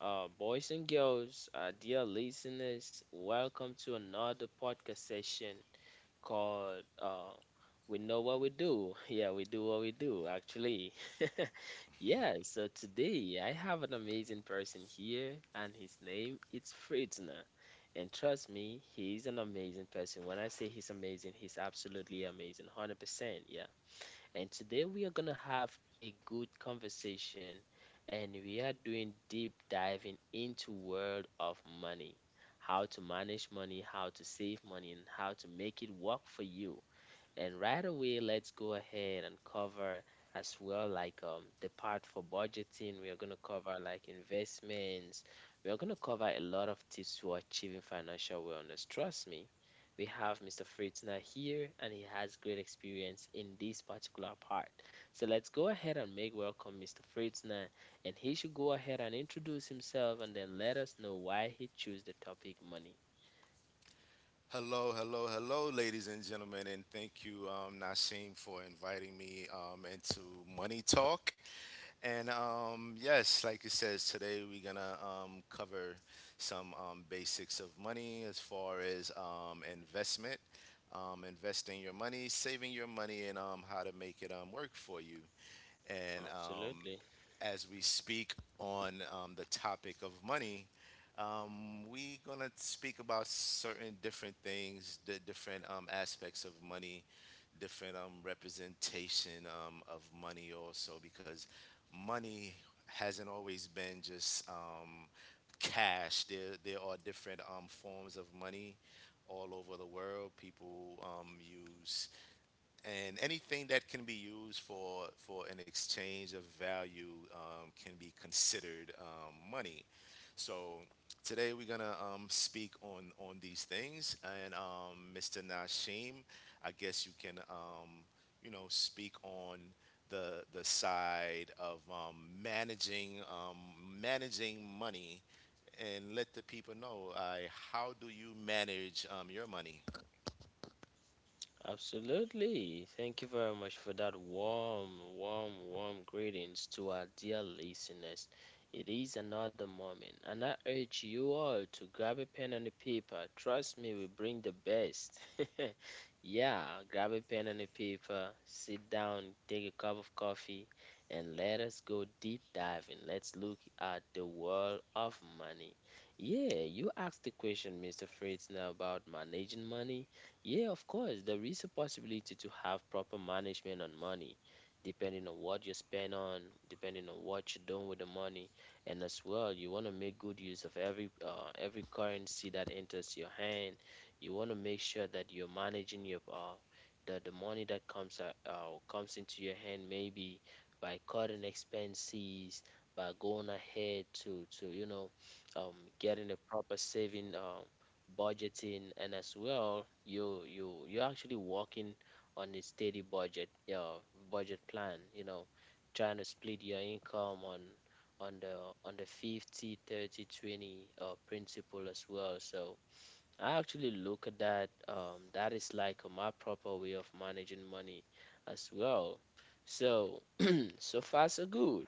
boys and girls, dear listeners. Welcome to another podcast session called "We Know What We Do." Yeah, we do what we do, actually. Yeah. So today I have an amazing person here, and his name is Fritzner. And trust me, he's an amazing person. When I say he's amazing, he's absolutely amazing, 100%. Yeah. And today we are going to have a good conversation and we are doing deep diving into world of money. How to manage money, how to save money and how to make it work for you. And right away, let's go ahead and cover as well like the part for budgeting. We are gonna cover like investments. We are gonna cover a lot of tips to achieving financial wellness. Trust me, we have Mr. Fritzner here and he has great experience in this particular part. So let's go ahead and make welcome Mr. Fritzner and he should go ahead and introduce himself and then let us know why he chose the topic money. Hello, hello, hello, ladies and gentlemen, and thank you, Nasheem, for inviting me into Money Talk. And yes, like it says, today we're gonna cover some basics of money as far as investment, investing your money, saving your money, and how to make it work for you. And Absolutely. as we speak on the topic of money, we're going to speak about certain different things, the different aspects of money, different representation of money also, because money hasn't always been just cash. There are different forms of money all over the world. People use, and anything that can be used for an exchange of value can be considered money. So today we're gonna speak on these things, and Mr. Nashim, I guess you can speak on the side of managing um, managing money. And let the people know, how do you manage your money? Absolutely. Thank you very much for that warm, warm, warm greetings to our dear listeners. It is another moment, and I urge you all to grab a pen and a paper. Trust me, we bring the best. Yeah, grab a pen and a paper, sit down, take a cup of coffee, and let us go deep diving. Let's look at the world of money. Yeah, you asked the question, Mr. Fritz, now about managing money. Yeah, of course. There is a possibility to have proper management on money, depending on what you spend on, depending on what you're doing with the money, and as well, you want to make good use of every currency that enters your hand. You want to make sure that you're managing your the money that comes into your hand, maybe by cutting expenses, by going ahead to you know, getting a proper saving budgeting and as well you're actually working on a steady budget, yeah, budget plan, you know, trying to split your income on the 50, 30, 20, 30 principle as well. So I actually look at that. That is like my proper way of managing money as well. So so far so good.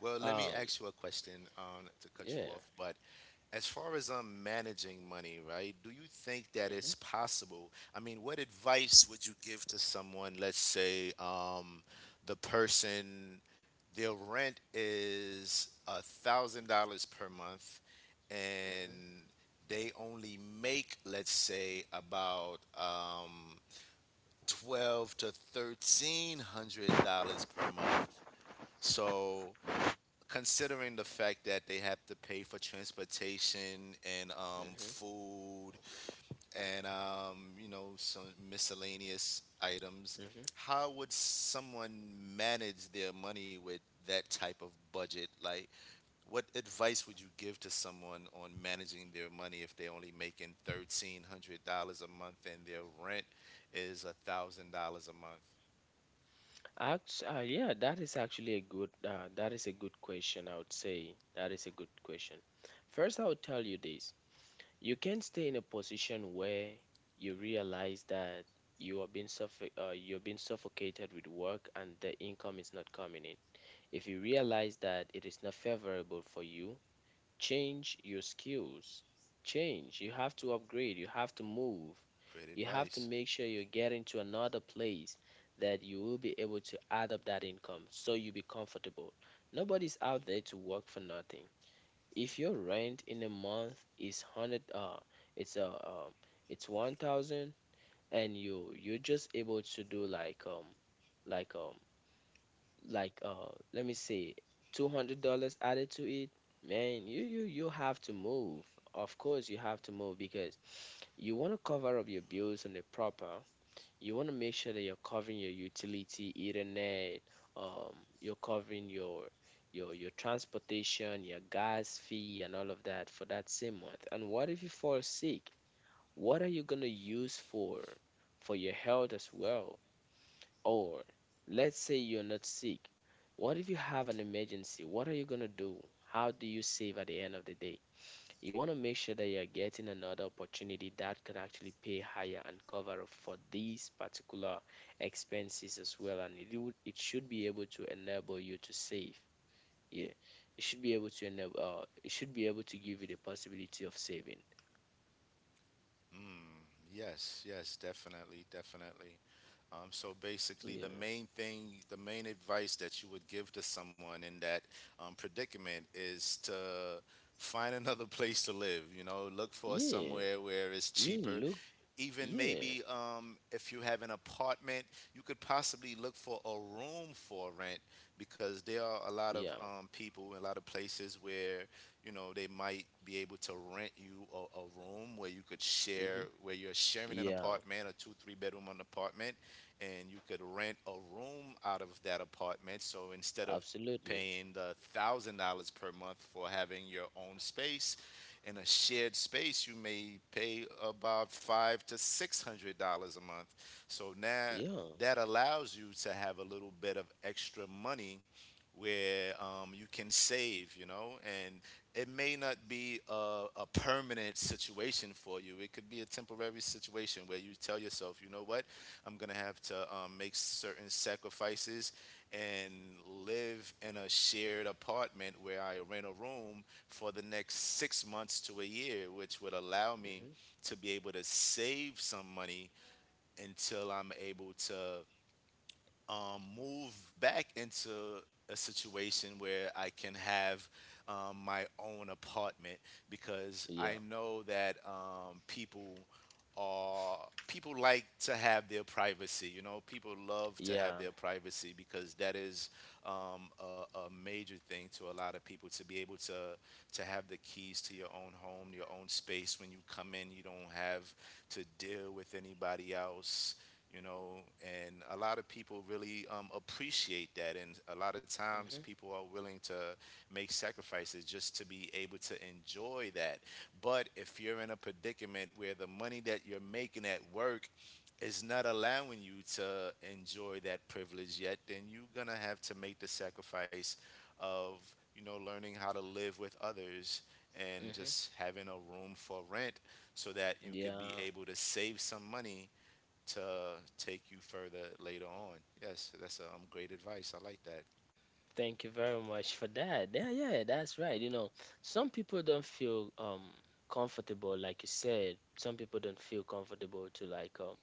Well, let me um ask you a question, to cut you yeah. off, but as far as managing money, right, do you think that Mhm. it's possible? I mean, what advice would you give to someone, let's say, the person, their rent is $1,000 per month, Mhm. and they only make, let's say, about twelve to thirteen hundred dollars per month. So considering the fact that they have to pay for transportation and Mhm. food and some miscellaneous items, Mhm. how would someone manage their money with that type of budget? Like, what advice would you give to someone on managing their money if they're only making $1300 a month and their rent is $1000 a month? Yeah, that is actually a good that is a good question. I would say that is a good question. First, I would tell you this: you can stay in a position where you realize that you are you're being suffocated with work and the income is not coming in. If you realize that it is not favorable for you, change your skills. Change. You have to upgrade. You have to move. Great You have to advice. make sure you get into another place that you will be able to add up that income so you be comfortable. Nobody's out there to work for nothing. If your rent in a month is hundred, it's uh, um, it's 1,000, and you're just able to do like like um let me say $200 added to it, man, you have to move. Of course, you have to move because you want to cover up your bills on the proper. You want to make sure that you're covering your utility, internet, um, you're covering your transportation, your gas fee, and all of that for that same month. And what if you fall sick? What are you gonna use for your health as well? Or let's say you're not sick. What if you have an emergency? What are you gonna do? How do you save at the end of the day? You want to make sure that you're getting another opportunity that can actually pay higher and cover up for these particular expenses as well. And it should be able to enable you to save. Yeah, it should be able to enable. It should be able to give you the possibility of saving. Mm, yes, yes, definitely, definitely. So basically, Yeah, the main thing, the main advice that you would give to someone in that predicament is to find another place to live. You know, look for yeah, somewhere where it's yeah. cheaper. Look, Even yeah, maybe if you have an apartment, you could possibly look for a room for rent, because there are a lot of yeah, people in a lot of places where, you know, they might be able to rent you a room where you could mm-hmm. share, where you're sharing an Yeah. apartment, a 2 3 bedroom apartment, and you could rent a room out of that apartment. So instead of Absolutely. paying the $1,000 per month for having your own space, in a shared space, you may pay about five to six hundred dollars a month. So now Yeah. that allows you to have a little bit of extra money where you can save, you know, and it may not be a permanent situation for you. It could be a temporary situation where you tell yourself, you know what, I'm gonna have to make certain sacrifices and live in a shared apartment where I rent a room for the next 6 months to a year, which would allow me Mm-hmm. to be able to save some money until I'm able to move back into a situation where I can have my own apartment, because I Yeah. know that people are, people like to have their privacy. You know, people love to have Yeah. their privacy, because that is um, a major thing to a lot of people, to be able to have the keys to your own home, your own space. When you come in, you don't have to deal with anybody else, you know, and a lot of people really appreciate that. And a lot of times Mm-hmm. people are willing to make sacrifices just to be able to enjoy that. But if you're in a predicament where the money that you're making at work is not allowing you to enjoy that privilege yet, then you're going to have to make the sacrifice of, you know, learning how to live with others and Mm-hmm. just having a room for rent, so that you could be Yeah. able to save some money to take you further later on. Yes, that's great advice. I like that. Thank you very much for that. Yeah, yeah, that's right. You know, some people don't feel comfortable, like you said. Some people don't feel comfortable to like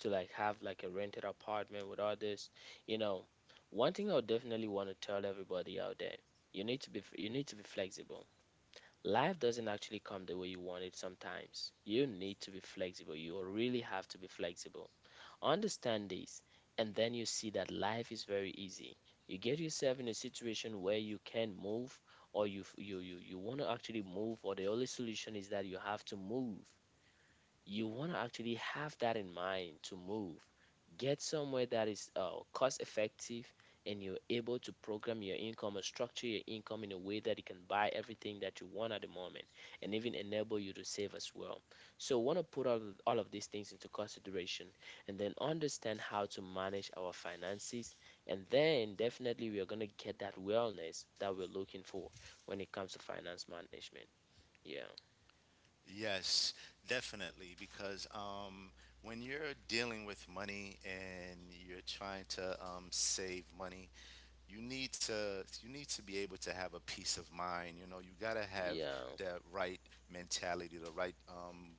to like have like a rented apartment with others. You know, one thing I would definitely want to tell everybody out there, you need to you need to be flexible. Life doesn't actually come the way you want it sometimes. You need to be flexible. You really have to be flexible. Understand this, and then you see that life is very easy. You get yourself in a situation where you can move, or you you want to actually move, or the only solution is that you have to move. You want to actually have that in mind to move. Get somewhere that is cost effective and you're able to program your income or structure your income in a way that it can buy everything that you want at the moment and even enable you to save as well. So, want to put all of these things into consideration and then understand how to manage our finances. And then, definitely, we are going to get that wellness that we're looking for when it comes to finance management. Yeah. Yes, definitely. Because when you're dealing with money and you're trying to save money, you need to be able to have a peace of mind. You know, you got to have Yeah. the right mentality, the right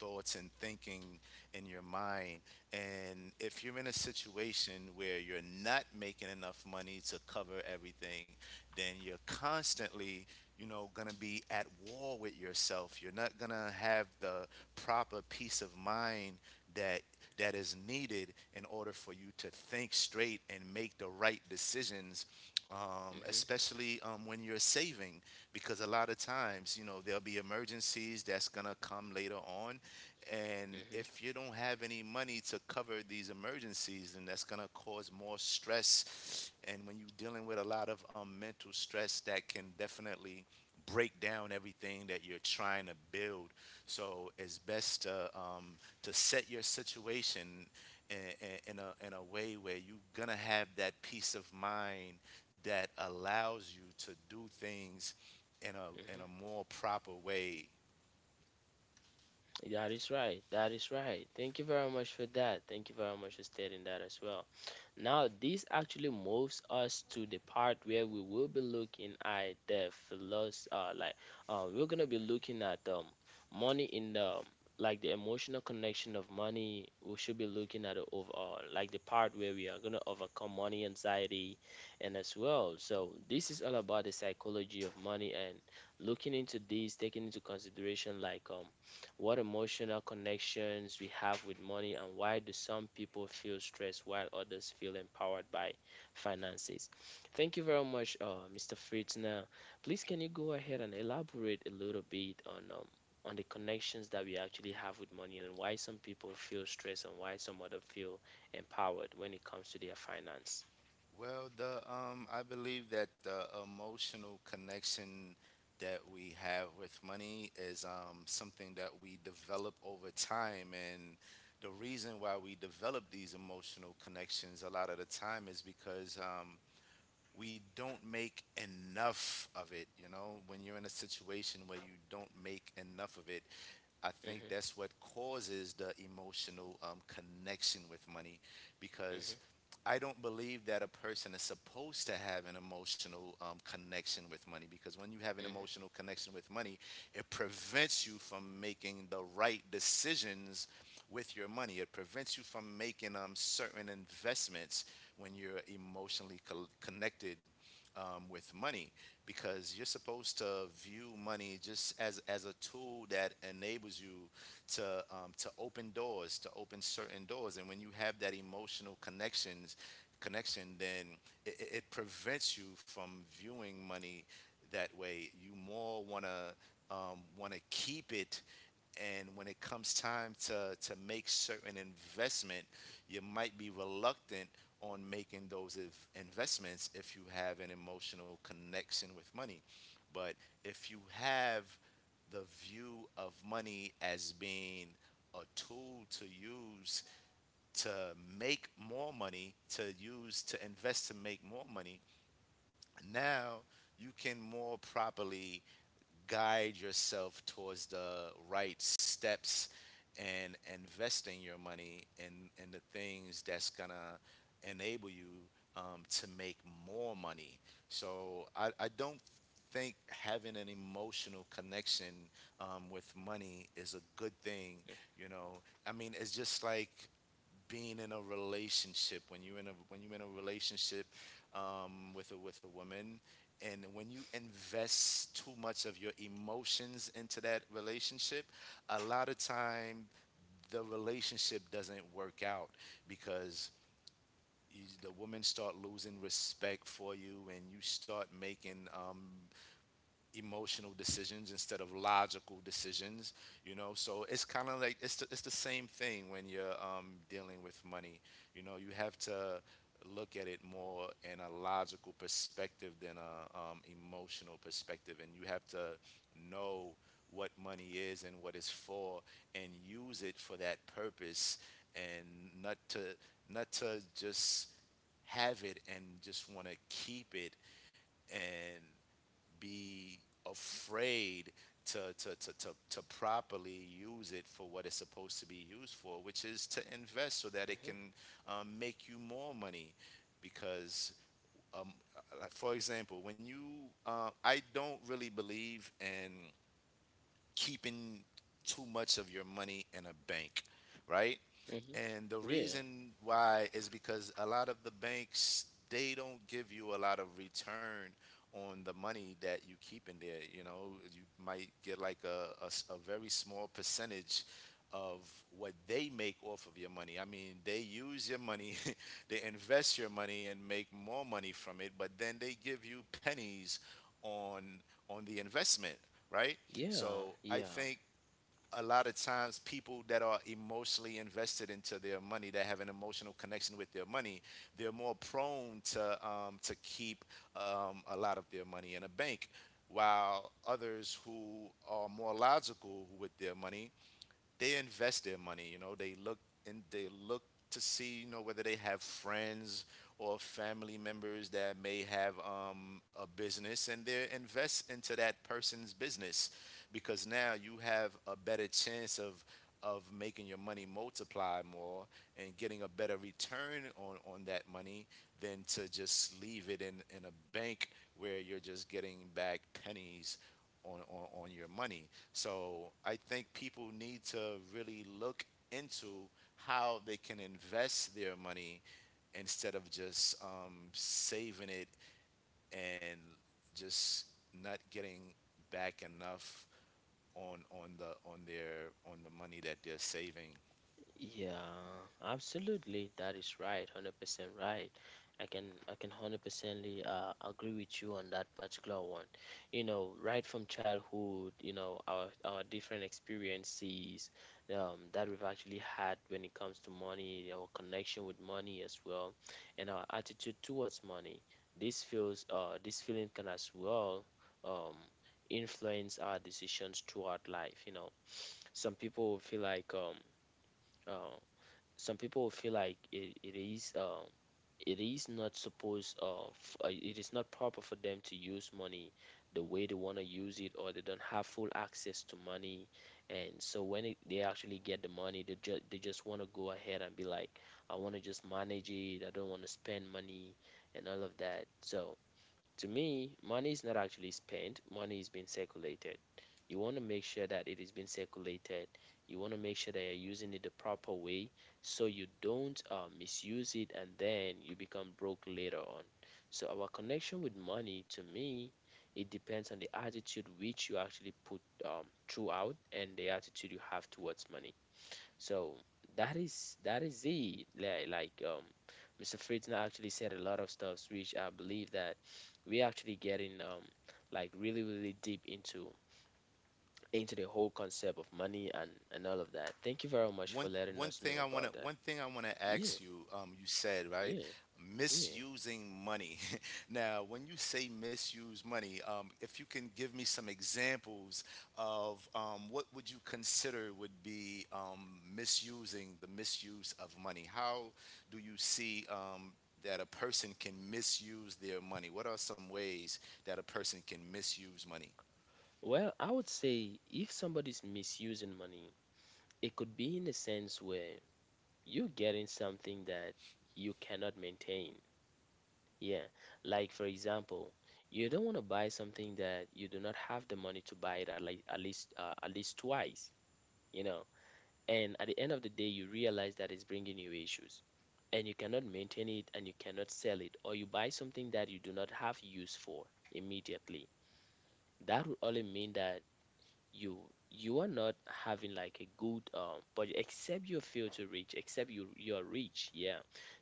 thoughts and thinking in your mind, and if you're in a situation where you're not making enough money to cover everything, then you're constantly, you know, going to be at war with yourself. You're not going to have the proper peace of mind that is needed in order for you to think straight and make the right decisions, um, Hmm. especially um, when you're saving. Because a lot of times, you know, there'll be emergencies that's going to come later on. And Hmm. if you don't have any money to cover these emergencies, then that's going to cause more stress. And when you're dealing with a lot of mental stress, that can definitely break down everything that you're trying to build. So it's best to set your situation in, in a way where you're gonna have that peace of mind that allows you to do things in Hmm. a more proper way. That is right. That is right. Thank you very much for that. Thank you very much for stating that as well. Now, this actually moves us to the part where we will be looking at the philosophy, we're gonna be looking at money in the like the emotional connection of money. We should be looking at it overall, like the part where we are gonna overcome money anxiety, and as well. So this is all about the psychology of money and looking into this, taking into consideration like what emotional connections we have with money, and why do some people feel stressed while others feel empowered by finances? Thank you very much, Mr. Fritz. Now, please can you go ahead and elaborate a little bit on the connections that we actually have with money and why some people feel stressed and why some other feel empowered when it comes to their finance? Well, the I believe that the emotional connection that we have with money is something that we develop over time, and the reason why we develop these emotional connections a lot of the time is because we don't make enough of it. You know, when you're in a situation where you don't make enough of it, I think Mm-hmm, that's what causes the emotional connection with money, because mm-hmm, I don't believe that a person is supposed to have an emotional connection with money, because when you have an emotional connection with money, it prevents you from making the right decisions with your money. It prevents you from making certain investments when you're connected with money, because you're supposed to view money just as a tool that enables you to open doors, to open certain doors, and when you have that emotional connections connection, then it prevents you from viewing money that way. You more wanna wanna keep it, and when it comes time to make certain investment, you might be reluctant on making those if investments if you have an emotional connection with money. But if you have the view of money as being a tool to use to make more money, to use to invest to make more money, now you can more properly guide yourself towards the right steps and investing your money in the things that's gonna enable you to make more money. So I don't think having an emotional connection with money is a good thing. You know, I mean, it's just like being in a relationship. When you are in a relationship with a woman, and when you invest too much of your emotions into that relationship, a lot of time the relationship doesn't work out, because the women start losing respect for you, and you start making emotional decisions instead of logical decisions. You know, so it's kind of like, it's the same thing when you're dealing with money. You know, you have to look at it more in a logical perspective than a emotional perspective, and you have to know what money is and what it's for, and use it for that purpose, and not to, not to just have it and just want to keep it, and be afraid to properly use it for what it's supposed to be used for, which is to invest so that it mm-hmm, can make you more money. Because, like, for example, when I don't really believe in keeping too much of your money in a bank, right? mm-hmm, mm-hmm. And the Yeah, reason why is because a lot of the banks, they don't give you a lot of return on the money that you keep in there. You know, you might get like a very small percentage of what they make off of your money. I mean, they use your money, they invest your money and make more money from it, but then they give you pennies on the investment, right? yeah, So I yeah. think a lot of times people that are emotionally invested into their money, that have an emotional connection with their money, they're more prone to keep a lot of their money in a bank, while others who are more logical with their money, they invest their money. You know, they look and they look to see whether they have friends or family members that may have a business, and they invest into that person's business because now you have a better chance of making your money multiply more and getting a better return on that money than to just leave it in a bank where you're just getting back pennies on your money. So I think people need to really look into how they can invest their money instead of just saving it and just not getting back enough on the money that they're saving. Yeah, absolutely. That is right. 100% right. I can 100%ly agree with you on that particular one. You know, right from childhood, you know, our different experiences that we've actually had when it comes to money, our connection with money as well, and our attitude towards money. This feeling can as well um influence our decisions throughout life. You know, some people will feel um some people will feel like it is not it is not proper for them to use money the way they want to use it, or they don't have full access to money, and so when they actually get the money they just want to go ahead and be like, I want to just manage it, I don't want to spend money and all of that. So to me, money is not actually spent, money is being circulated. You want to make sure that it is being circulated. You want to make sure that you're using it the proper way so you don't misuse it and then you become broke later on. So, our connection with money, to me, it depends on the attitude which you actually put throughout and the attitude you have towards money. So that is it. Mr. Friedner actually said a lot of stuff, which I believe that we actually getting like really really deep into the whole concept of money and all of that. Thank you very much for One letting one us thing know I want to about that. one thing I want to Yeah, ask you. You said right, yeah, yeah. misusing money. Now, when you say misuse money, if you can give me some examples of what would you consider would be misusing the misuse of money? How do you see that a person can misuse their money? What are some ways that a person can misuse money? Well, I would say if somebody's misusing money, it could be in a sense where you're getting something that you cannot maintain. Yeah, like for example, you don't want to buy something that you do not have the money to buy it at least at least twice, you know. And at the end of the day, you realize that it's bringing you issues, and you cannot maintain it and you cannot sell it, or you buy something that you do not have use for immediately, that would only mean that you you are not having like a good budget except you fail to reach except you're rich, yeah,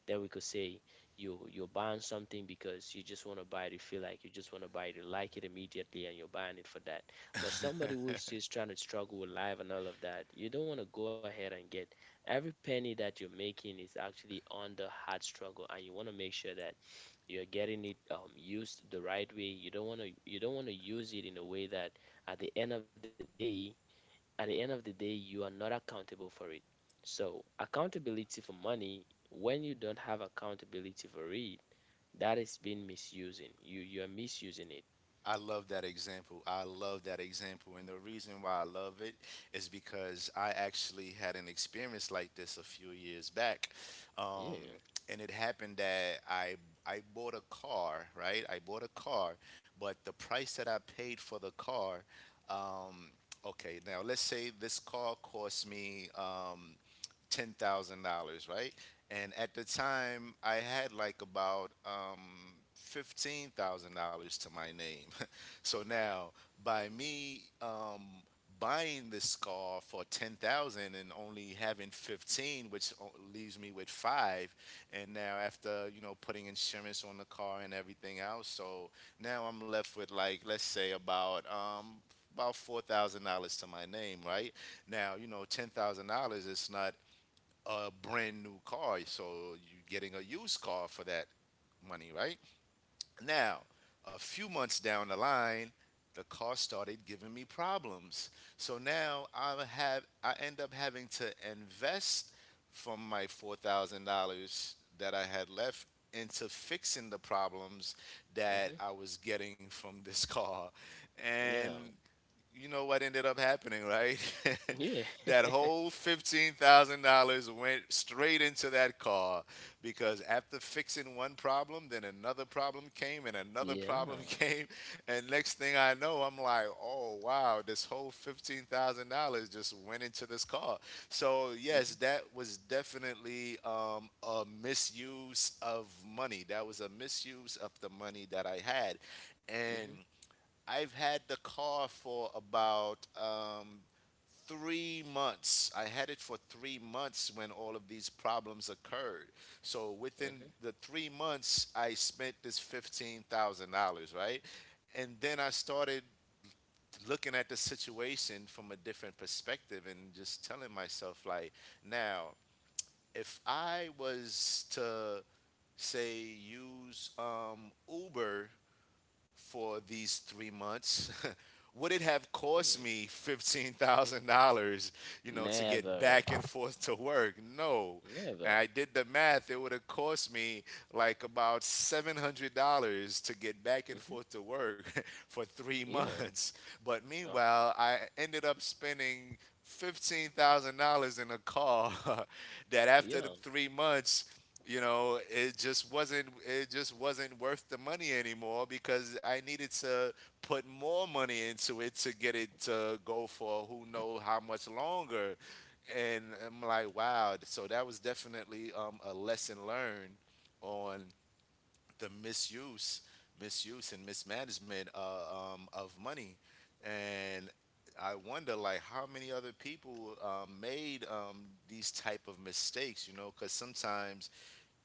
then we could say you're buying something because you just want to buy it, you feel like you just want to buy it, you like it immediately and you're buying it for that. But somebody who is just trying to struggle with life and all of that, you don't want to go ahead and get every penny that you're making is actually on the hard struggle, and you want to make sure that you're getting it used the right way. You don't want to use it in a way that at the end of the day at the end of the day you are not accountable for it. So accountability for money, when you don't have accountability for it, that is being misusing, you're misusing it. I love that example. I love that example. And the reason why I love it is because I actually had an experience like this a few years back. Um, Yeah. and it happened that I bought a car, right? I bought a car, but the price that I paid for the car, um, okay, now let's say this car cost me $10,000, right? And at the time, I had like about $15,000 to my name. So now, by me buying this car for 10,000 and only having 15, leaves me with five, and now after putting insurance on the car and everything else, so now I'm left with like let's say about $4,000 to my name, right? Now, $10,000 is not a brand new car. So you're getting a used car for that money, right? Now, a few months down the line, the car started giving me problems. So now I end up having to invest from my $4,000 that I had left into fixing the problems that Hmm. I was getting from this car. Yeah, And you know what ended up happening, right? yeah. That whole $15,000 went straight into that car because after fixing one problem, then another problem came and another problem Yeah. came. And next thing I know, I'm like, oh, wow, this whole $15,000 just went into this car. So, yes, Hmm. that was definitely a misuse of money. That was a misuse of the money that I had. And Hmm. I've had the car for about 3 months. I had it for 3 months when all of these problems occurred. So within Hmm. the 3 months, I spent this $15,000, right? And then I started looking at the situation from a different perspective and just telling myself, like, now if I was to say use Uber for these 3 months, would it have cost me $15,000, to get Never. back and forth to work? No. And Never. I did the math. It would have cost me like about $700 to get back and Hmm. forth to work for three Yeah. months. But Of course. meanwhile, I ended up spending $15,000 in a car that after the Yeah. 3 months it just wasn't worth the money anymore because I needed to put more money into it to get it to go for who know how much longer, and I'm like wow. So that was definitely a lesson learned on the misuse and mismanagement of money. And I wonder like how many other people made these type of mistakes, because sometimes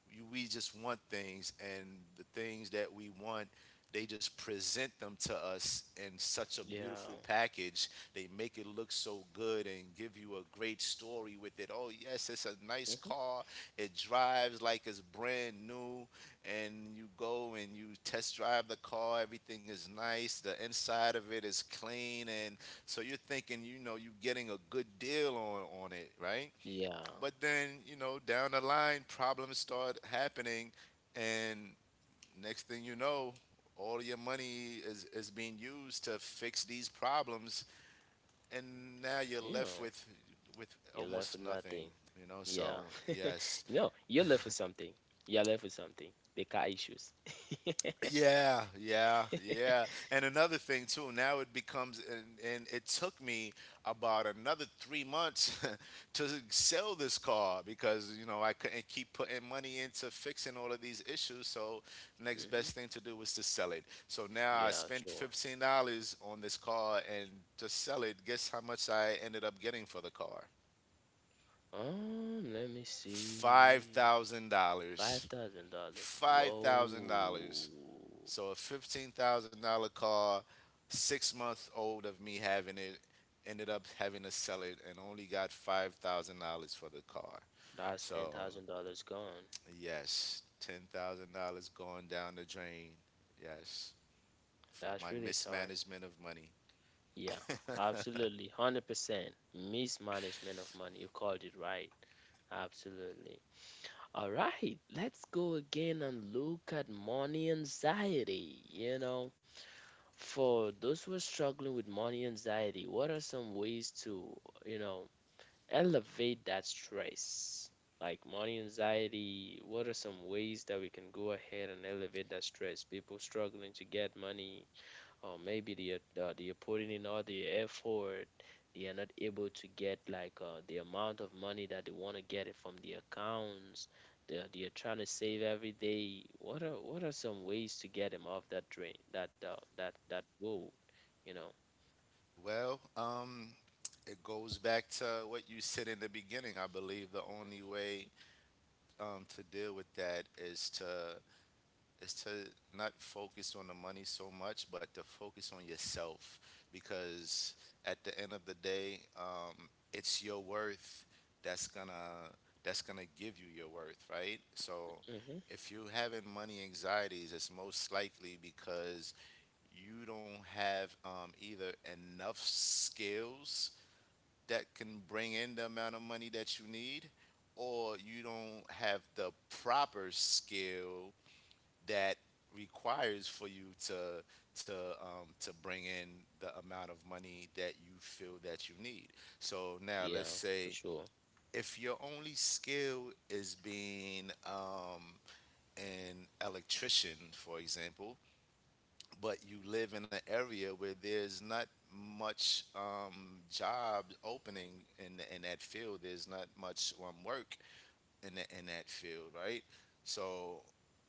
we just want things, and the things that we want, they just present them to us in such a Yeah. beautiful package. They make it look so good and give you a great story with it. Oh yes, it's a nice Hmm. car. It drives like it's brand new, and you go and you test drive the car. Everything is nice. The inside of it is clean, and so you're thinking, you're getting a good deal on it, right? Yeah. But then, down the line, problems start happening, and next thing you know, all your money is being used to fix these problems, and now you're Yeah, left with you're left almost with nothing. nothing. You know, Yeah, so yes, you know, you're left with something. You're left with something. The car issues. Hmm. yeah, yeah, yeah. And another thing too, now it becomes and it took me about another 3 months to sell this car because, I couldn't keep putting money into fixing all of these issues, so next best thing to do was to sell it. So now I Yeah, spent sure. $15 on this car and to sell it, guess how much I ended up getting for the car? Let me see. $5,000. $5,000. Whoa, $5,000. So a $15,000 car, 6 months old of me having it, ended up having to sell it and only got $5,000 for the car. that's ten So thousand dollars gone. yes, $10,000 going down the drain. Yes, for my That's really sad. mismanagement of money. Yeah, absolutely, 100%. Mismanagement of money. You called it right. Absolutely. All right, let's go again and look at money anxiety. You know, for those who are struggling with money anxiety, what are some ways to, you know, elevate that stress? Like money anxiety, what are some ways that we can go ahead and elevate that stress? People struggling to get money, or maybe they are putting in all the effort, they are not able to get like the amount of money that they want to get it from the accounts. They are trying to save every day. What are some ways to get them off that drain, that that that road, you know? Well, it goes back to what you said in the beginning. I believe the only way to deal with that is to not focus on the money so much, but to focus on yourself because at the end of the day, it's your worth that's gonna give you your worth, right? So Hmm. if you're having money anxieties, it's most likely because you don't have either enough skills that can bring in the amount of money that you need, or you don't have the proper skill that requires for you to bring in the amount of money that you feel that you need. So now Yeah, let's for say sure. if your only skill is being an electrician, for example, but you live in an area where there's not much job opening in that field, there's not much work in that field, right? So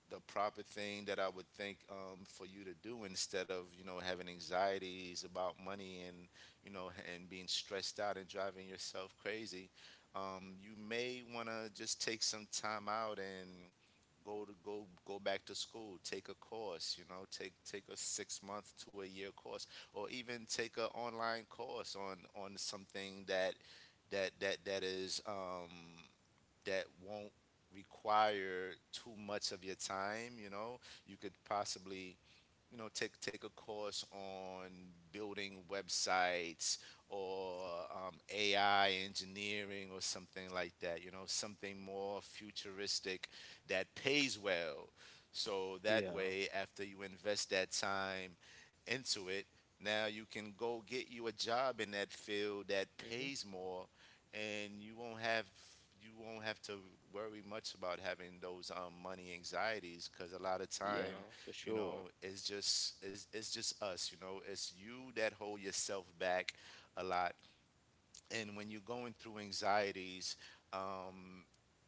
the proper thing that I would think, for you to do instead of having anxieties about money and and being stressed out and driving yourself crazy, you may want to just take some time out and go back to school, take a course. Take a 6 month to a year course, or even take an online course on something that that that is um that won't require too much of your time. You could possibly take a course on building websites or AI engineering or something like that. You know, something more futuristic that pays well. So that Yeah. way, after you invest that time into it, now you can go get you a job in that field that Hmm. pays more, and you won't have to worry much about having those money anxieties because a lot of Yeah, time for sure. it's just us. You know, it's you that hold yourself back a lot. And when you're going through anxieties, um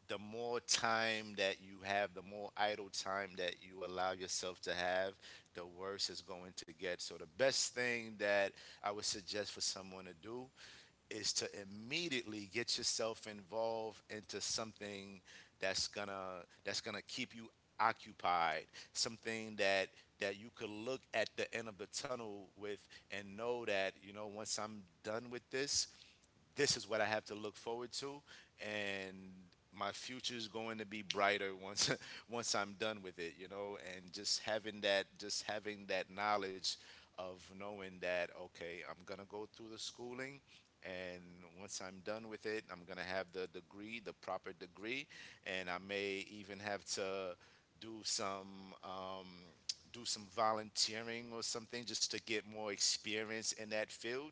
the more time that you have, the more idle time that you allow yourself to have, the worse it's going to get. So the best thing that I would suggest for someone to do is to immediately get yourself involved into something that's gonna keep you occupied, something that you could look at the end of the tunnel with and know that once I'm done with this, this is what I have to look forward to, and my future's going to be brighter once once I'm done with it. And just having that, knowledge of knowing that, okay, I'm gonna go through the schooling, and once I'm done with it, I'm gonna have the degree, the proper degree, and I may even have to do some. Um, do some volunteering or something just to get more experience in that field.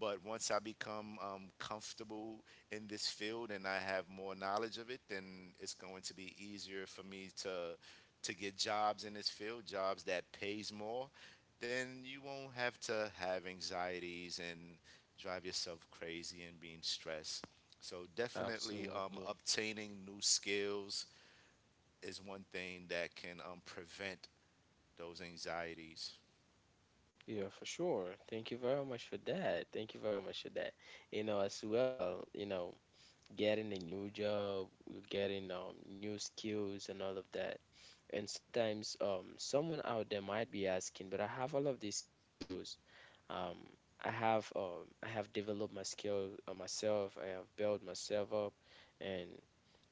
But once I become comfortable in this field and I have more knowledge of it, then it's going to be easier for me to get jobs in this field, jobs that pays more. Then you won't have to have anxieties and drive yourself crazy and being stressed. So definitely, Absolutely. obtaining new skills is one thing that can prevent those anxieties. Yeah, for sure. Thank you very much for that. You know, as well, you know, getting a new job, getting new skills, and all of that. And sometimes someone out there might be asking, but I have all of these skills. Um, I have developed my skill myself. I have built myself up, and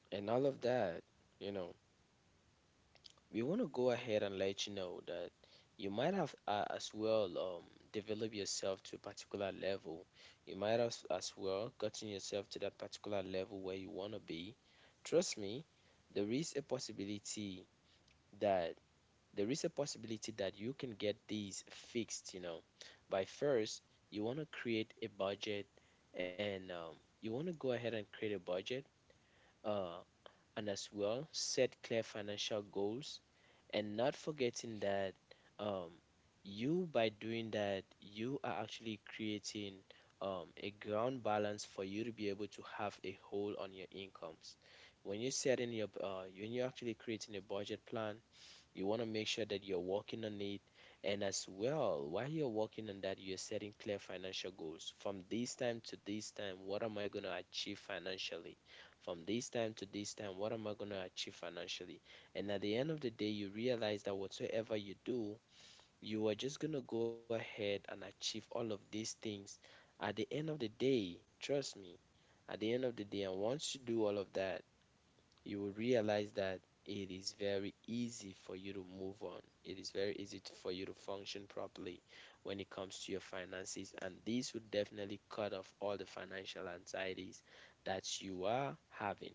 all of that. You know, we want to go ahead and let you know that you might have as well developed yourself to a particular level. You might have as well gotten yourself to that particular level where you want to be. Trust me, there is a possibility that there is a possibility that you can get these fixed, you know. By first, you want to create a budget, and you want to go ahead and create a budget, uh, and as well set clear financial goals, and not forgetting that um, you by doing that you are actually creating a ground balance for you to be able to have a hold on your incomes. When you're setting your when you're actually creating a budget plan, you want to make sure that you're working on it. And as well, while you're working on that, you're setting clear financial goals. From this time to this time, what am I going to achieve financially? From this time to this time, what am I going to achieve financially? And at the end of the day, you realize that whatsoever you do, you are just going to go ahead and achieve all of these things. At the end of the day, trust me, at the end of the day, and once you do all of that, you will realize that it is very easy for you to move on. It is very easy to, for you to function properly when it comes to your finances. And this would definitely cut off all the financial anxieties that you are having.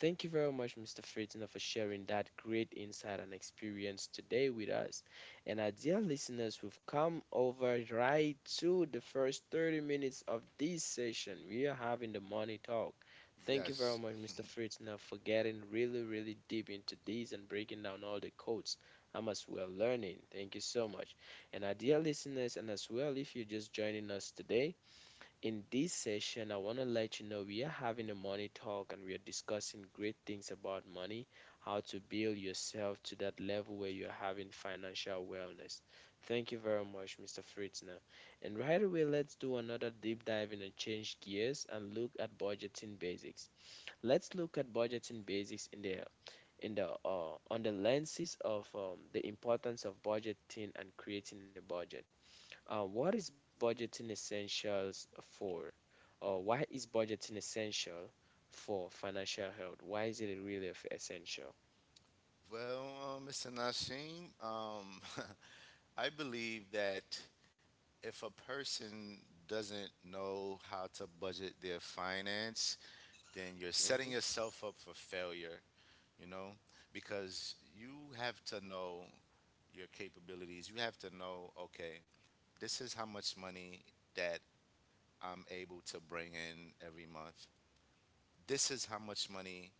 Thank you very much, Mr. Fritzner, for sharing that great insight and experience today with us. And our dear listeners, we've come over right to the first 30 minutes of this session. We are having the money talk. Thank you very Yes. much, Mr. Fritzner, for getting really, really deep into this and breaking down all the codes. I'm as well learning. Thank you so much. And our dear listeners, and as well, if you're just joining us today, in this session, I want to let you know we are having a money talk and we are discussing great things about money, how to build yourself to that level where you're having financial wellness. Thank you very much, Mr. Fritzner. And right away, let's do another deep dive in and change gears and look at budgeting basics. Let's look at budgeting basics in the on the lenses of the importance of budgeting and creating a budget. What is budgeting essentials for? Or why is budgeting essential for financial health? Why is it really essential? Well, Mr. Nasheem, I believe that if a person doesn't know how to budget their finance, then you're setting Hmm. yourself up for failure, you know, because you have to know your capabilities. You have to know, okay, this is how much money that I'm able to bring in every month. This is how much money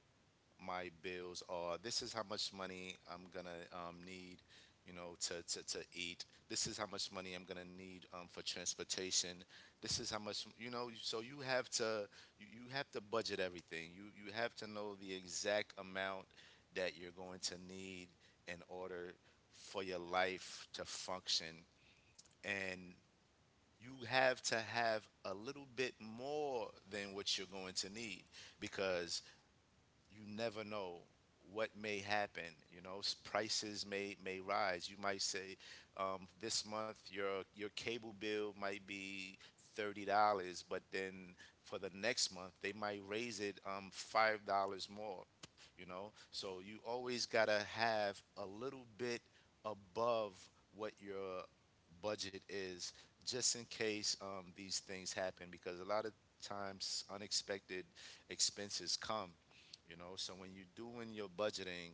my bills are. This is how much money I'm gonna need, to eat. This is how much money I'm gonna need for transportation. This is how much, you know. So you have to you have to budget everything. You have to know the exact amount that you're going to need in order for your life to function, and you have to have a little bit more than what you're going to need because you never know what may happen. You know, prices may rise. You might say, this month your cable bill might be $30, but then for the next month they might raise it $5 more. You know, so you always gotta have a little bit above what your budget is, just in case these things happen, because a lot of times unexpected expenses come. You know, so when you're doing your budgeting,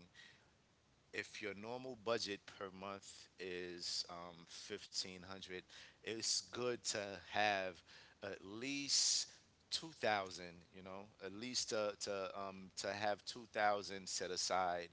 if your normal budget per month is 1,500, it's good to have at least 2,000. You know, at least to have 2,000 set aside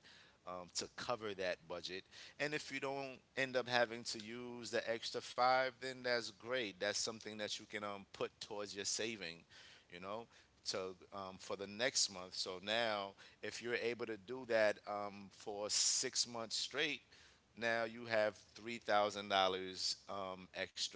to cover that budget. And if you don't end up having to use the extra five, then that's great. That's something that you can put towards your saving, you know, to for the next month. So now if you're able to do that for 6 months straight, now you have $3,000 extra,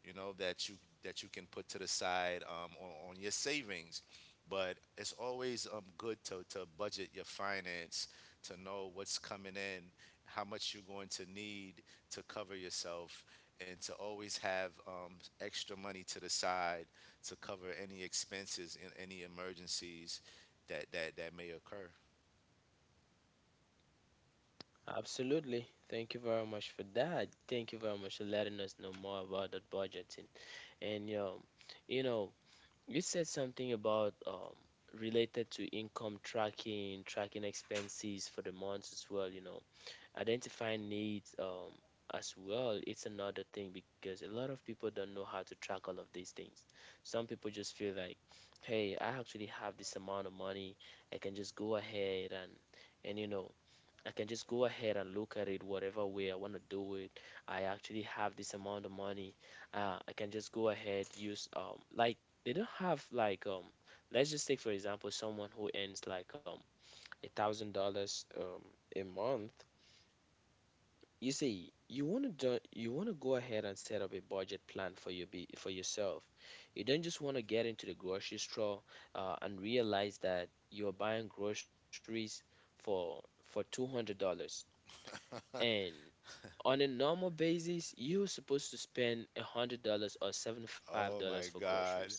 you know, that you can put to the side on your savings. But it's always good to budget your finance, to know what's coming in, how much you're going to need to cover yourself, and to always have extra money to the side to cover any expenses and any emergencies that may occur. Absolutely. Thank you very much for that. Thank you very much for letting us know more about that budgeting. And you know, you said something about related to income tracking, tracking expenses for the months as well. You know, identifying needs as well, it's another thing because a lot of people don't know how to track all of these things. Some people just feel like, hey, I actually have this amount of money, I can just go ahead and you know, I can just go ahead and look at it whatever way I want to do it. I actually have this amount of money, I can just go ahead use like, they don't have like let's just take for example someone who earns like $1,000 a month. You see, you want to do, you want to go ahead and set up a budget plan for your be for yourself. You don't just want to get into the grocery store and realize that you're buying groceries for $200, and on a normal basis, you're supposed to spend $100 or Oh $75 for my God. groceries.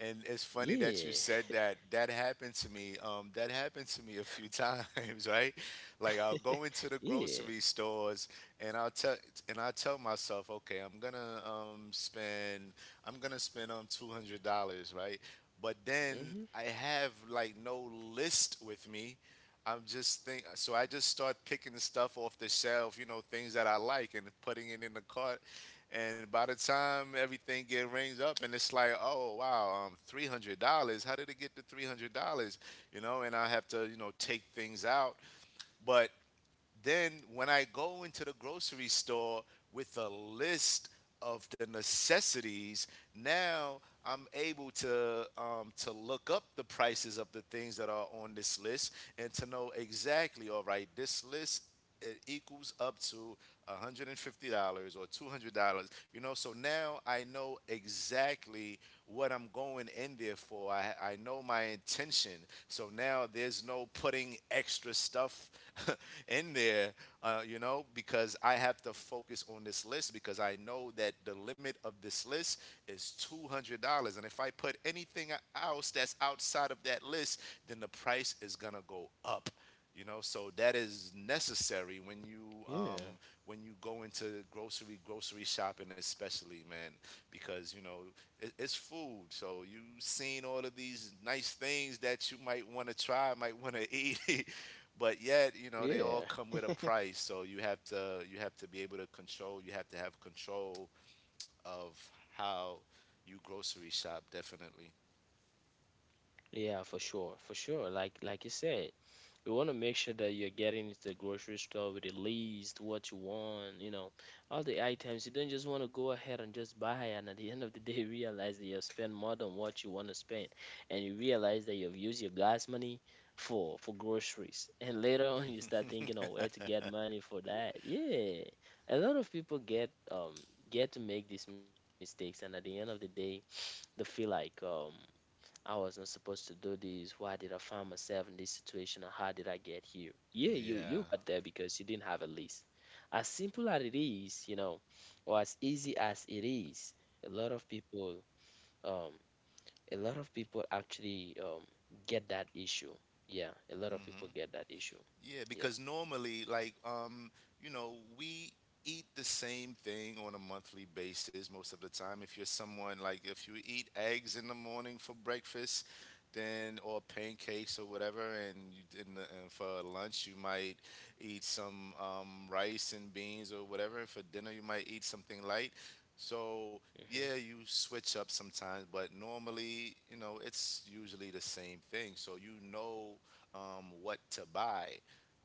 And it's funny that Yeah. you said that. That happened to me. That happened to me a few times, right? Like I'll go into the grocery Yeah. stores, and I tell myself, okay, I'm gonna spend $200, right? But then I Mhm. have like no list with me. I just start picking the stuff off the shelf, you know, things that I like, and putting it in the cart, and by the time everything get rings up, and it's like, oh wow, $300. How did it get to $300? You know, and I have to, you know, take things out. But then when I go into the grocery store with a list of the necessities, now I'm able to look up the prices of the things that are on this list, and to know exactly. All right, this list, it equals up to $150 or $200. You know, so now I know exactly what I'm going in there for. I know my intention. So now there's no putting extra stuff in there, you know, because I have to focus on this list, because I know that the limit of this list is $200, and if I put anything else that's outside of that list, then the price is gonna go up. You know, so that is necessary Yeah. when you go into grocery shopping, especially, man, because you know, it's food. So you have seen all of these nice things that you might want to try, might want to eat, but yet you know they all Yeah. come with a price. So you have to be able to control. You have to have control of how you grocery shop, definitely. Yeah, for sure, for sure. Like you said, you want to make sure that you're getting into the grocery store with at least what you want, you know, all the items. You don't just want to go ahead and just buy, and at the end of the day, realize that you have spent more than what you want to spend, and you realize that you've used your gas money for groceries, and later on you start thinking of where to get money for that. Yeah, a lot of people get to make these mistakes, and at the end of the day, they feel like. I wasn't supposed to do this. Why did I find myself in this situation? And how did I get here? Yeah, you Yeah. got there because you didn't have a list. As simple as it is, you know, or as easy as it is, a lot of people, um, actually get that issue. Yeah, a lot of people Hmm. get that issue. Yeah, Yeah. because normally, like, you know, we eat the same thing on a monthly basis most of the time. If you're someone like, if you eat eggs in the morning for breakfast, then, or pancakes or whatever, and you, in the, and for lunch you might eat some rice and beans or whatever, and for dinner you might eat something light. So yeah, Mhm. you switch up sometimes, but normally, you know, it's usually the same thing. So you know what to buy.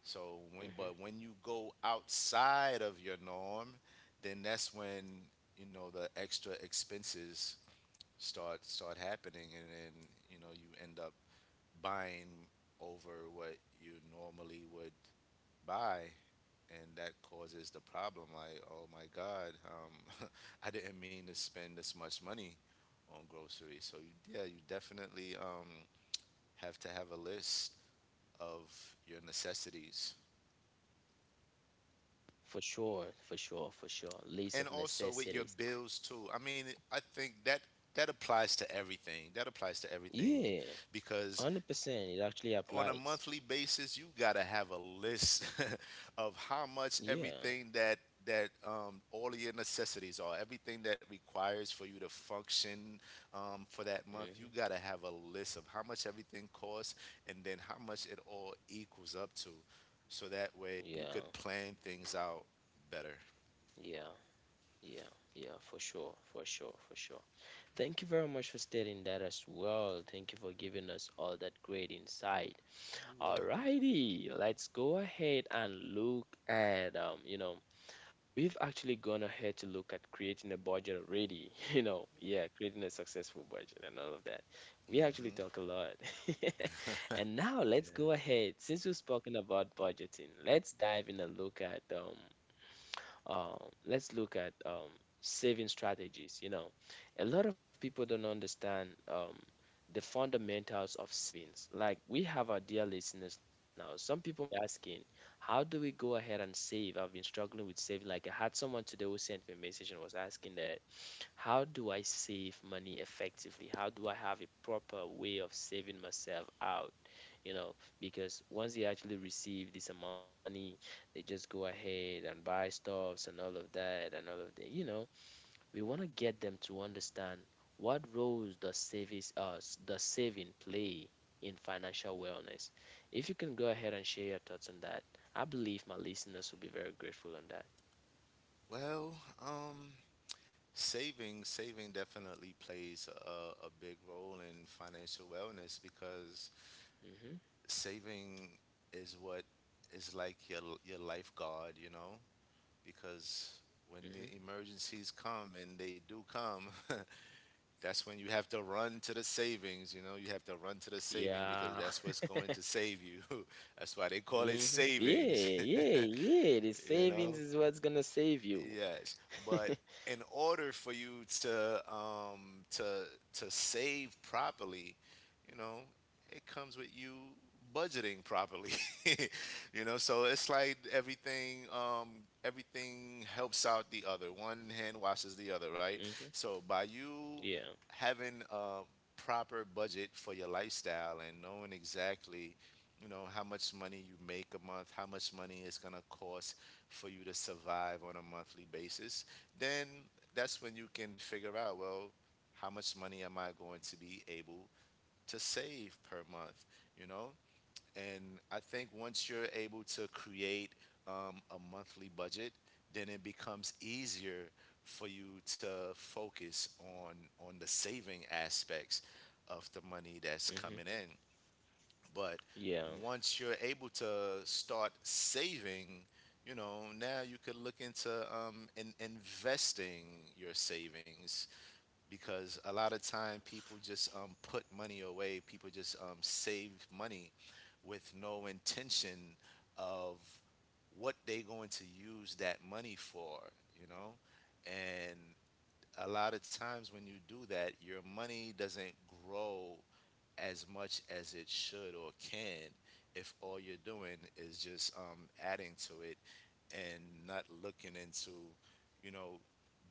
So when Mhm. but when you go outside of your norm, then that's when, you know, the extra expenses start happening, and then you know you end up buying over what you normally would buy, and that causes the problem. Like, oh my God, I didn't mean to spend this much money on groceries. So you, yeah, you definitely have to have a list of your necessities, For sure. For sure. For sure. List and of also with your necessities. bills too. I mean, I think that that applies to everything. That applies to everything Yeah. because 100%. It actually on a applies. monthly basis, you gotta have a list of how much Yeah. everything that all of your necessities are, everything that requires for you to function for that month. You Mhm. gotta have a list of how much everything costs, and then how much it all equals up to, so that way you could Yeah. plan things out better. Yeah, yeah, yeah, for sure, for sure, for sure. Thank you very much for stating that as well. Thank you for giving us all that great insight. You're welcome. Alrighty, let's go ahead and look at you know, we've actually gone ahead to look at creating a budget already, you know, yeah, creating a successful budget and all of that. We actually Hmm. talk a lot. And now let's Yeah. go ahead. Since we've spoken about budgeting, let's dive in and look at um, let's look at saving strategies. You know, a lot of people don't understand the fundamentals of savings. Like, we have our dear listeners now. Some people might be asking, how do we go ahead and save? I've been struggling with saving. Like, I had someone today who sent me a message and was asking that, how do I save money effectively? How do I have a proper way of saving myself out? You know, because once they actually receive this amount of money, they just go ahead and buy stuffs and all of that. You know, we want to get them to understand what roles does savings us does saving play in financial wellness. If you can go ahead and share your thoughts on that, I believe my listeners will be very grateful on that. Well, um, saving definitely plays a big role in financial wellness, because Hmm. saving is what is like your lifeguard, you know, because when the Hmm. emergencies come, and they do come, that's when you have to run to the savings, you know, you have to run to the saving because Yeah. that's what's going to save you. That's why they call it Hmm. Yeah, savings. yeah, yeah. The You savings know. is what's gonna save you. Yes, but in order for you to to save properly, you know, it comes with you budgeting properly. You know, so it's like everything everything helps out the other. One hand washes the other, right? Hmm. So by you Yeah. having a proper budget for your lifestyle, and knowing exactly, you know, how much money you make a month, how much money it's going to cost for you to survive on a monthly basis, then that's when you can figure out, well, how much money am I going to be able to save per month, you know? And I think once you're able to create a monthly budget, then it becomes easier for you to focus on the saving aspects of the money that's Hmm. coming in. But Yeah. once you're able to start saving, you know, now you could look into investing your savings, because a lot of time people just put money away. People just save money with no intention of what they going to use that money for, you know? And a lot of times when you do that, your money doesn't grow as much as it should or can, if all you're doing is just adding to it and not looking into, you know,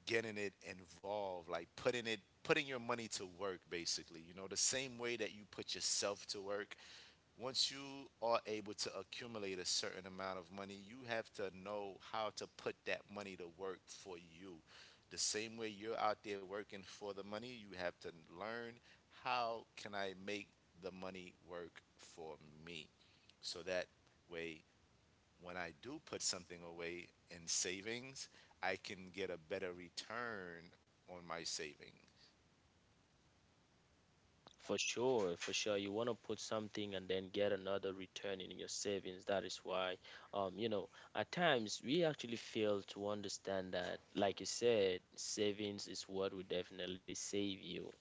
getting it involved, like putting your money to work basically. You know, the same way that you put yourself to work, once you are able to accumulate a certain amount of money, you have to know how to put that money to work for you. The same way you're out there working for the money, you have to learn, how can I make the money work for me? So that way, when I do put something away in savings, I can get a better return on my saving. For sure, for sure. You want to put something and then get another return in your savings. That is why, um, you know, at times we actually fail to understand that, like you said, savings is what will definitely save you.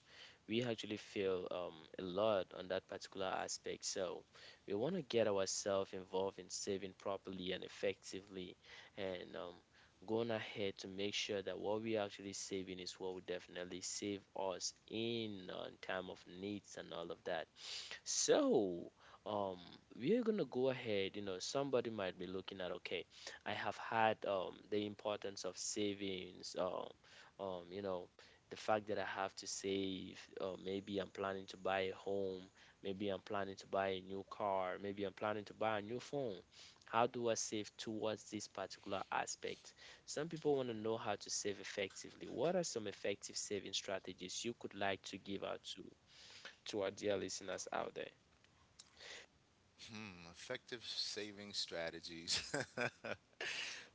We actually feel a lot on that particular aspect. So we want to get ourselves involved in saving properly and effectively, and going ahead to make sure that what we are actually saving is what will definitely save us in time of needs and all of that. So um, we're gonna go ahead. You know, somebody might be looking at, okay, I have had the importance of savings. You know the fact that I have to save, or maybe I'm planning to buy a home, maybe I'm planning to buy a new car, maybe I'm planning to buy a new phone. How do I save towards this particular aspect? Some people want to know how to save effectively. What are some effective saving strategies you could like to give out to our dear listeners out there? Hmm, effective saving strategies.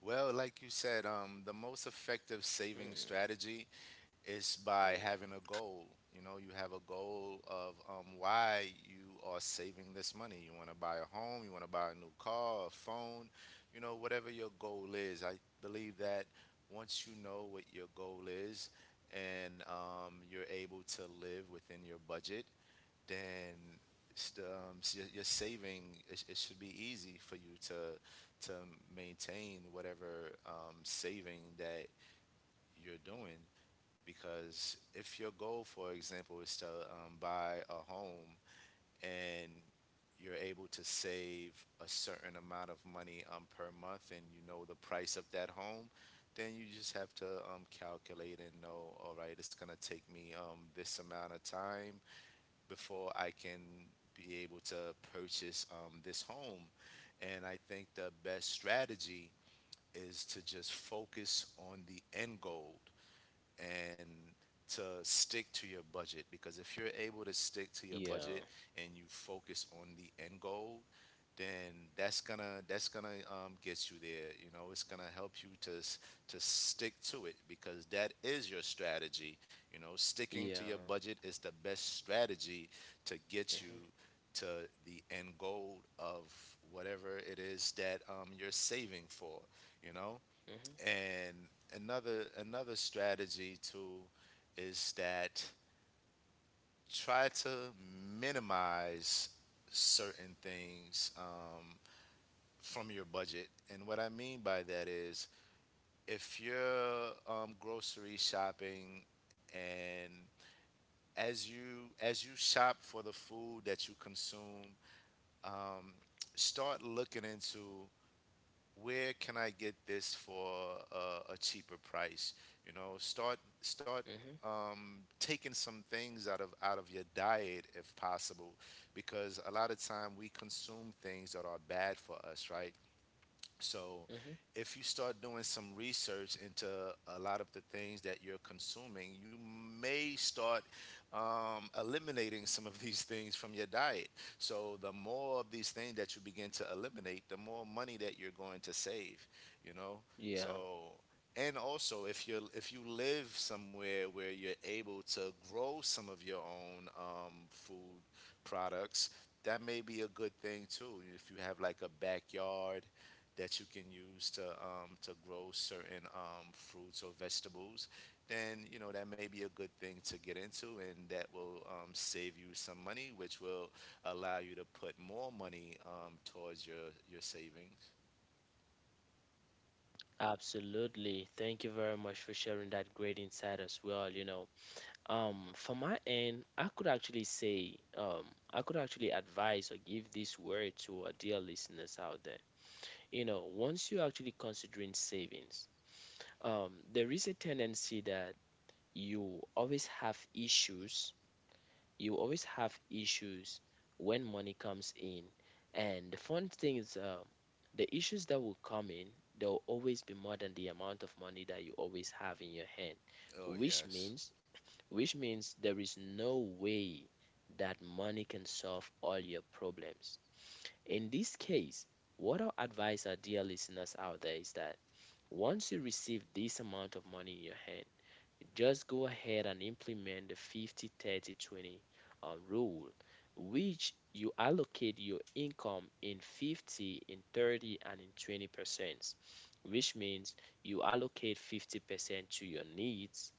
Well, like you said, the most effective saving Hmm, strategy is by yeah, having a goal. You know, you have a goal of why you are saving this money. You want to buy a home, you want to buy a new car, a phone, you know, whatever your goal is. I believe that once you know what your goal is, and you're able to live within your budget, then your saving, it should be easy for you to maintain whatever saving that you're doing, because if your goal, for example, is to buy a home, and you're able to save a certain amount of money per month, and you know the price of that home, then you just have to calculate and know, all right, it's going to take me this amount of time before I can be able to purchase this home. And I think the best strategy is to just focus on the end goal and to stick to your budget, because if you're able to stick to your budget yeah, and you focus on the end goal, then that's gonna get you there. You know, it's gonna help you to stick to it, because that is your strategy. You know, sticking to your yeah. budget is the best strategy to get you Hmm. to the end goal of whatever it is that you're saving for, you know. Hmm. And another strategy too is that, try to minimize certain things from your budget. And what I mean by that is, if you're grocery shopping and as you shop for the food that you consume, um, start looking into where can I get this for a cheaper price? Start Hmm. Taking some things out of your diet if possible, because a lot of time we consume things that are bad for us, right? So Hmm. if you start doing some research into a lot of the things that you're consuming, you may start eliminating some of these things from your diet. So the more of these things that you begin to eliminate, the more money that you're going to save, you know? Yeah, So and also if you live somewhere where you're able to grow some of your own food products, that may be a good thing too. If you have like a backyard that you can use to grow certain fruits or vegetables, then you know that may be a good thing to get into, and that will save you some money, which will allow you to put more money towards your savings. absolutely. Thank you very much for sharing that great insight as well. You know, for my end, I could actually advise or give this word to our dear listeners out there. You know, once you're actually considering savings, there is a tendency that you always have issues. You always have issues when money comes in. And the fun thing is, the issues that will come in, there will always be more than the amount of money that you always have in your hand, Oh which yes. means there is no way that money can solve all your problems. In this case, what I'll advise our dear listeners out there is that once you receive this amount of money in your hand, just go ahead and implement the 50 30 20 rule, which you allocate your income in 50, in 30, and in 20%, which means you allocate 50% to your needs,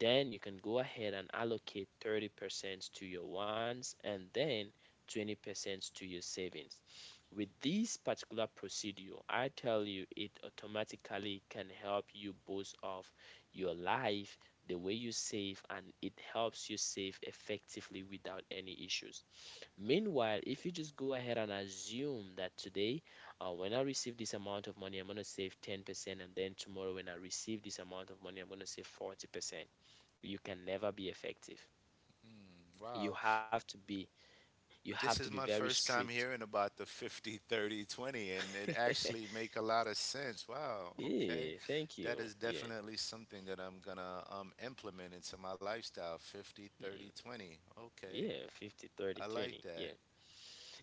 then you can go ahead and allocate 30% to your wants, and then 20% to your savings. With this particular procedure, I tell you it automatically can help you boost off your life, the way you save, and it helps you save effectively without any issues. Meanwhile, if you just go ahead and assume that today, when I receive this amount of money, I'm going to save 10%, and then tomorrow, when I receive this amount of money, I'm going to save 40%, you can never be effective. You Wow. have to be you have to This be is my very first strict. time hearing about the 50 30 20, and it actually make a lot of sense. Wow. Okay, Yeah, thank that you. is Yeah. definitely something that I'm gonna implement into my lifestyle. Fifty thirty Mm. twenty. Okay. Yeah, 50, 30, I like 20. that. Yeah.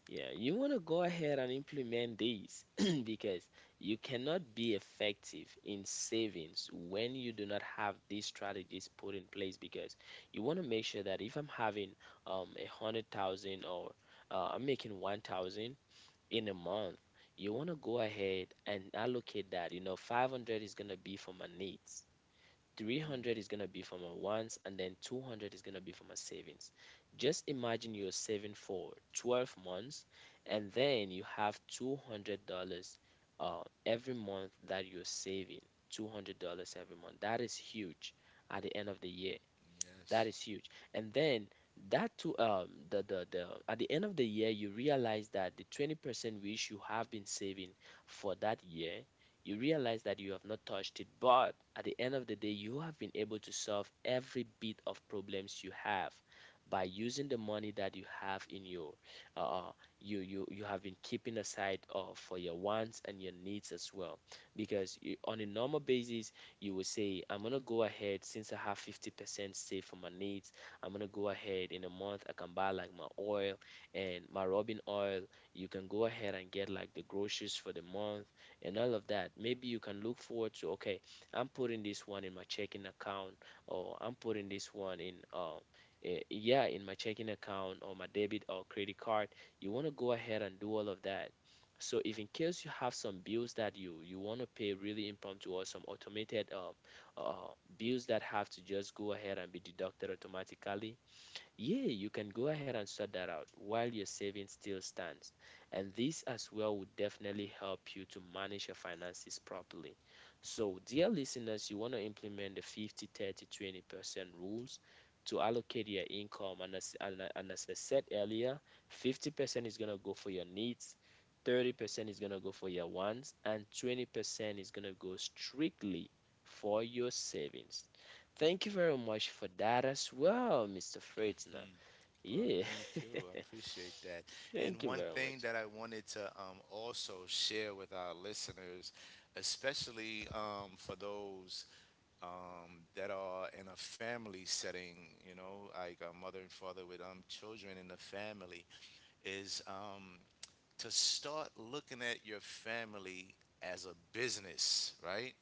Yeah, you want to go ahead and implement these because you cannot be effective in savings when you do not have these strategies put in place, because you want to make sure that if I'm having a 100,000, or I'm making 1,000 in a month, you want to go ahead and allocate that. You know, 500 is going to be for my needs, 300 is going to be for my wants, and then 200 is going to be for my savings. Just imagine you're saving for 12 months, and then you have $200 uh, every month that you're saving. $200 every month. That is huge at the end of the year. Hmm. Yes. That is huge. And then that to the at the end of the year you realize that the 20% which you have been saving for that year, you realize that you have not touched it, but at the end of the day you have been able to solve every bit of problems you have by using the money that you have in your uh uh, you have been keeping aside for your wants and your needs as well, because you, on a normal basis, you will say, I'm gonna go ahead since I have 50% saved for my needs. I'm gonna go ahead in a month. I can buy like my oil and my rubbing oil. You can go ahead and get like the groceries for the month and all of that. Maybe you can look forward to, okay, I'm putting this one in my checking account, or I'm putting this one in, yeah, in my checking account or my debit or credit card. You want to go ahead and do all of that. So, if in case you have some bills that you want to pay really impromptu, or some automated bills that have to just go ahead and be deducted automatically, yeah, you can go ahead and sort that out while your savings still stands. And this as well would definitely help you to manage your finances properly. So, dear listeners, you want to implement the 50, 30, 20% rules to allocate your income. And as I said earlier, 50% is going to go for your needs, 30% is going to go for your wants, and 20% is going to go strictly for your savings. Thank you very much for that as well, Mr. Fritzner. hmm. Well, Yeah. thank you. I appreciate that. And Thank you one very thing much. that I wanted to also share with our listeners, especially for those that are in a family setting, you know, like a mother and father with children in the family, is to start looking at your family as a business, right?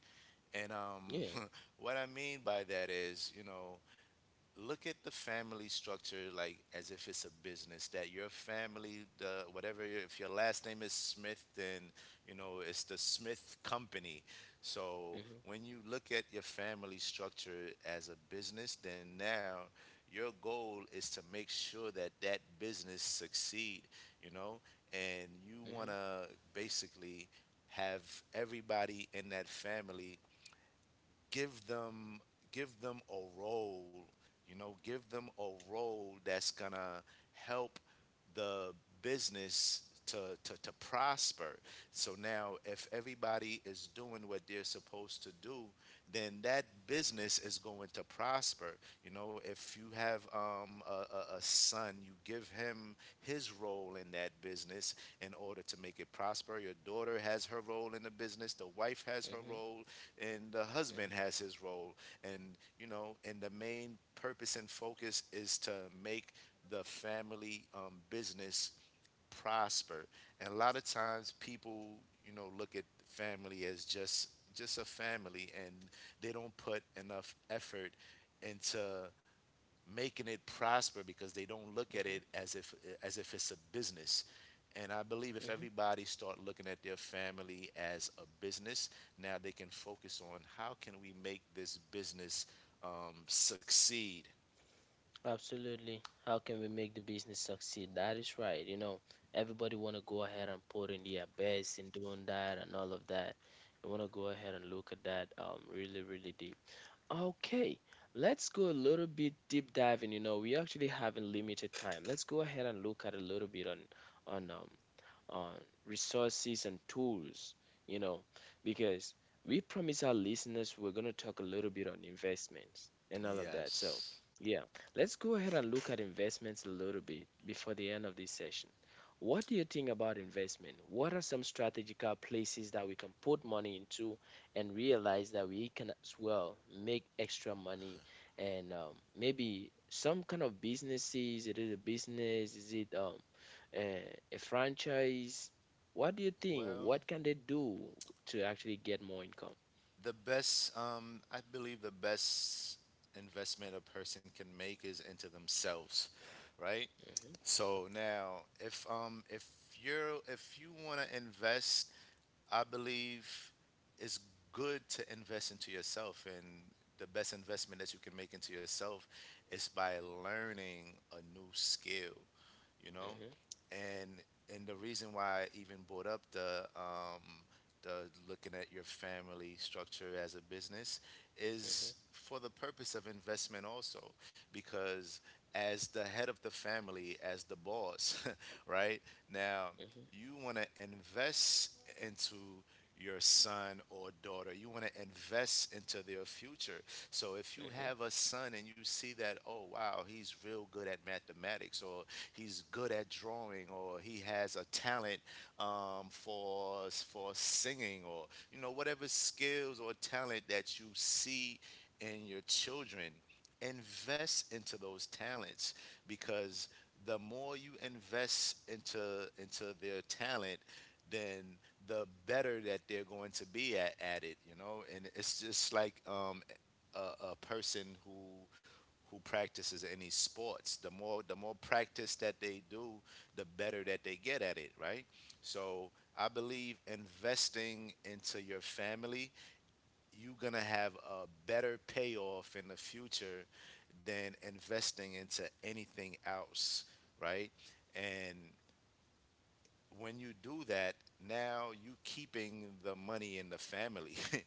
And Yeah. What I mean by that is, you know, look at the family structure like as if it's a business that your family, the whatever your, if your last name is Smith, then you know it's the Smith company. So Mhm. when you look at your family structure as a business, then now your goal is to make sure that that business succeed. You know and you want Mhm. to basically have everybody in that family, give them give them a role, you know, give them a role that's gonna help the business to, to prosper. So now if everybody is doing what they're supposed to do, then that business is going to prosper. You know, if you have a son, you give him his role in that business in order to make it prosper. Your daughter has her role in the business, the wife has her Mhm. role, and the husband Mhm. has his role. And you know, and the main purpose and focus is to make the family business prosper. And a lot of times people, you know, look at family as just a family, and they don't put enough effort into making it prosper because they don't look at Mhm. it as if it's a business. And I believe if Mhm. everybody start looking at their family as a business, now they can focus on how can we make this business succeed. Absolutely. How can we make the business succeed? That is right. You know, everybody want to go ahead and put in their best in doing that and all of that. You want to go ahead and look at that really, really deep. Okay, let's go a little bit deep diving. You know, we actually have a limited time. Let's go ahead and look at a little bit on on um, uh, resources and tools, you know, because we promise our listeners we're going to talk a little bit on investments and all of that. So, Yes. yeah, let's go ahead and look at investments a little bit before the end of this session. What do you think about investment? What are some strategical places that we can put money into and realize that we can as well make extra money, and maybe some kind of businesses? Is it, is a business? Is it uh, a franchise? What do you think? Well, What can they do to actually get more income? the best, I believe the best investment a person can make is into themselves, right? Hmm. So now, if you're if you want to invest, I believe it's good to invest into yourself, and the best investment that you can make into yourself is by learning a new skill. You know Hmm. and the reason why I even brought up the looking at your family structure as a business Hmm. is for the purpose of investment also, because as the head of the family, as the boss, right, now Hmm. you want to invest into your son or daughter. You want to invest into their future. So if you Hmm. have a son and you see that, oh wow, he's real good at mathematics, or he's good at drawing, or he has a talent for singing, or you know, whatever skills or talent that you see in your children, invest into those talents. Because the more you invest into their talent, then the better that they're going to be at, it. You know, and it's just like a person who practices any sports. The more practice that they do, the better that they get at it, right? So I believe investing into your family, you're gonna have a better payoff in the future than investing into anything else, right? And when you do that, now you keeping the money in the family.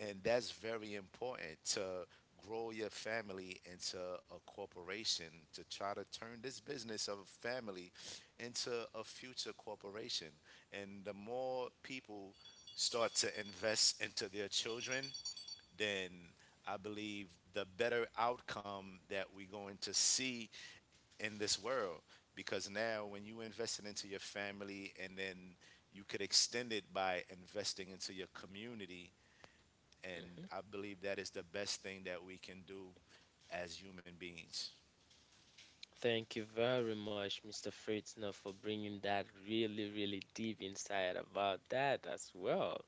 And that's very important to grow your family into a corporation, to try to turn this business of family into a future corporation. And the more people start to invest into their children, then I believe the better outcome that we're going to see in this world. Because now when you invest it into your family, and then you could extend it by investing into your community. And Hmm. I believe that is the best thing that we can do as human beings. Thank you very much, Mr. Fritzner, for bringing that really, really deep insight about that as well.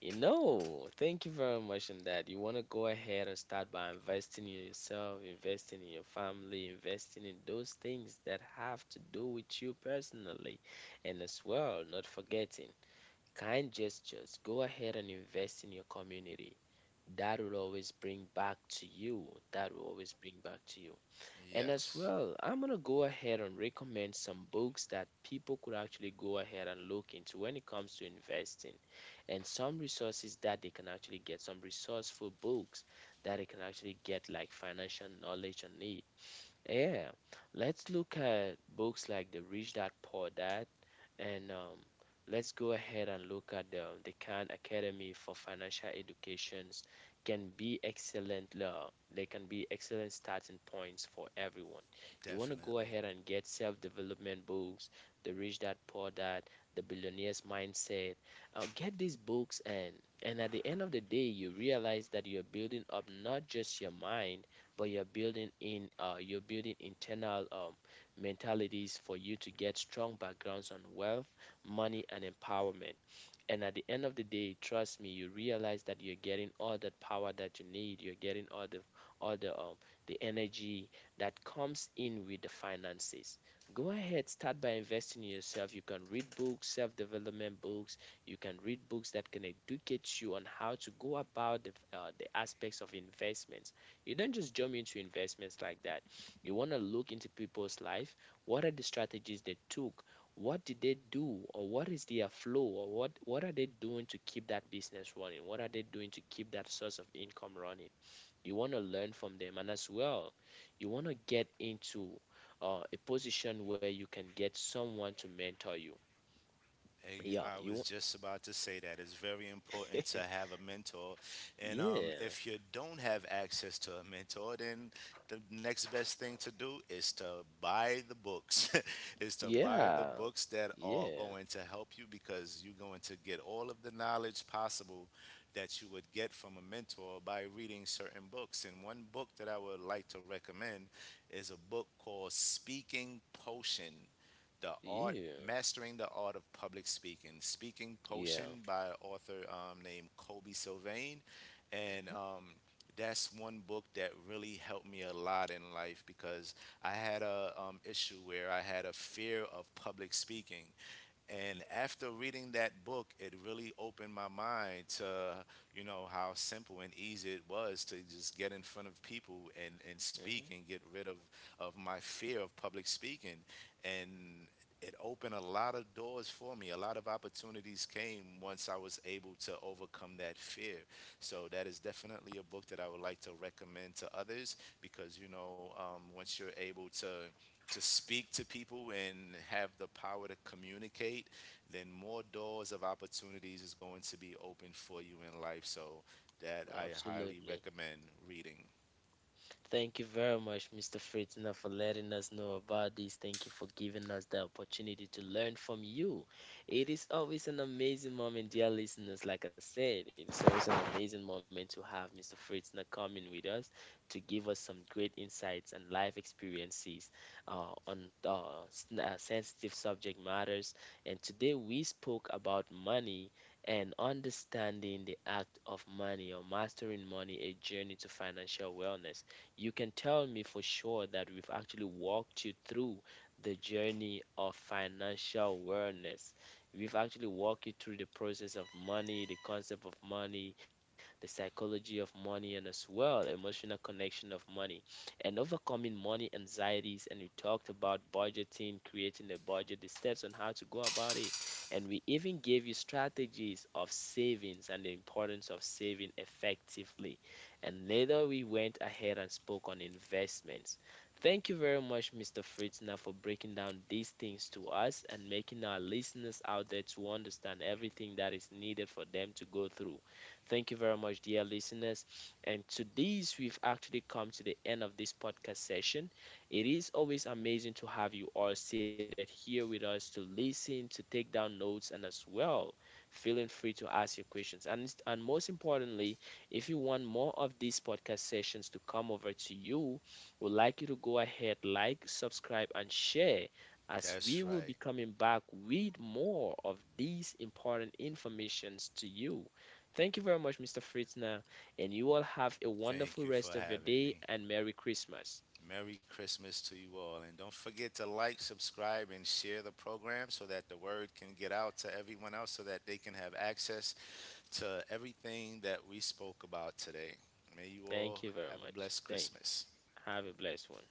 You know, thank you very much on that. You want to go ahead and start by investing in yourself, investing in your family, investing in those things that have to do with you personally, and as well, not forgetting kind gestures, go ahead and invest in your community. That will always bring back to you. That will always bring back to you. And as Yes. well, I'm going to go ahead and recommend some books that people could actually go ahead and look into when it comes to investing, and some resources that they can actually get, some resourceful books that they can actually get, like financial knowledge on it. Yeah, let's look at books like The Rich Dad Poor Dad, and let's go ahead and look at the Khan Academy for Financial Educations. Can be excellent. They can be excellent starting points for everyone. You want to go Definitely. ahead and get self-development books, The Rich Dad Poor Dad, The Billionaire's Mindset. Get these books, and at the end of the day, you realize that you're building up not just your mind but you're building in you're building internal mentalities for you to get strong backgrounds on wealth, money, and empowerment. And at the end of the day, trust me, you realize that you're getting all that power that you need. You're getting all the all the um, the energy that comes in with the finances. Go ahead, start by investing in yourself. You can read books, self-development books. You can read books that can educate you on how to go about the aspects of investments. You don't just jump into investments like that. You want to look into people's life. What are the strategies they took? What did they do? Or what is their flow? Or what are they doing to keep that business running? What are they doing to keep that source of income running? You want to learn from them. And as well, you want to get into a position where you can get someone to mentor you. And Yeah, I you was want. just about to say that it's very important to have a mentor. And Yeah, if you don't have access to a mentor, then the next best thing to do is to buy the books, is to buy the yeah, books that are yeah, going to help you, because you're going to get all of the knowledge possible that you would get from a mentor by reading certain books. And one book that I would like to recommend is a book called Speaking Potion, the art, yeah, mastering the art of public speaking, Speaking yeah. Potion, by an author named Kobe Sylvain. And Mhm, that's one book that really helped me a lot in life, because I had a issue where I had a fear of public speaking. And after reading that book, it really opened my mind to, you know, how simple and easy it was to just get in front of people and, mhm. speak and get rid of, my fear of public speaking. And it opened a lot of doors for me. A lot of opportunities came once I was able to overcome that fear. So that is definitely a book that I would like to recommend to others, because, you know, once you're able to speak to people and have the power to communicate, then more doors of opportunities is going to be open for you in life. So that I highly Absolutely. recommend reading. Thank you very much, Mr. Fritzner, for letting us know about this. Thank you for giving us the opportunity to learn from you. It is always an amazing moment, dear listeners. Like I said, it is always an amazing moment to have Mr. Fritzner coming with us to give us some great insights and life experiences on sensitive subject matters. And today we spoke about money and understanding the act of money or mastering money, a journey to financial wellness. You can tell me for sure that we've actually walked you through the journey of financial awareness. We've actually walked you through the process of money, the concept of money, the psychology of money, and as well emotional connection of money, and overcoming money anxieties. And we talked about budgeting, creating a budget, the steps on how to go about it, and we even gave you strategies of savings and the importance of saving effectively, and later we went ahead and spoke on investments. Thank you very much, Mr. Fritzner, for breaking down these things to us and making our listeners out there to understand everything that is needed for them to go through. Thank you very much, dear listeners. And to this, we've actually come to the end of this podcast session. It is always amazing to have you all seated here with us to listen, to take down notes, and as well, feeling free to ask your questions. And most importantly, if you want more of these podcast sessions to come over to you, we'd like you to go ahead, like, subscribe, and share, as we That's will be right. coming back with more of these important informations to you. Thank you very much, Mr. Fritzner, and you all have a Thank wonderful you rest for of your having day me. and Merry Christmas. Merry Christmas to you all. And don't forget to like, subscribe, and share the program so that the word can get out to everyone else so that they can have access to everything that we spoke about today. May you all Thank you very have a much. blessed Thank you. Christmas. Have a blessed one.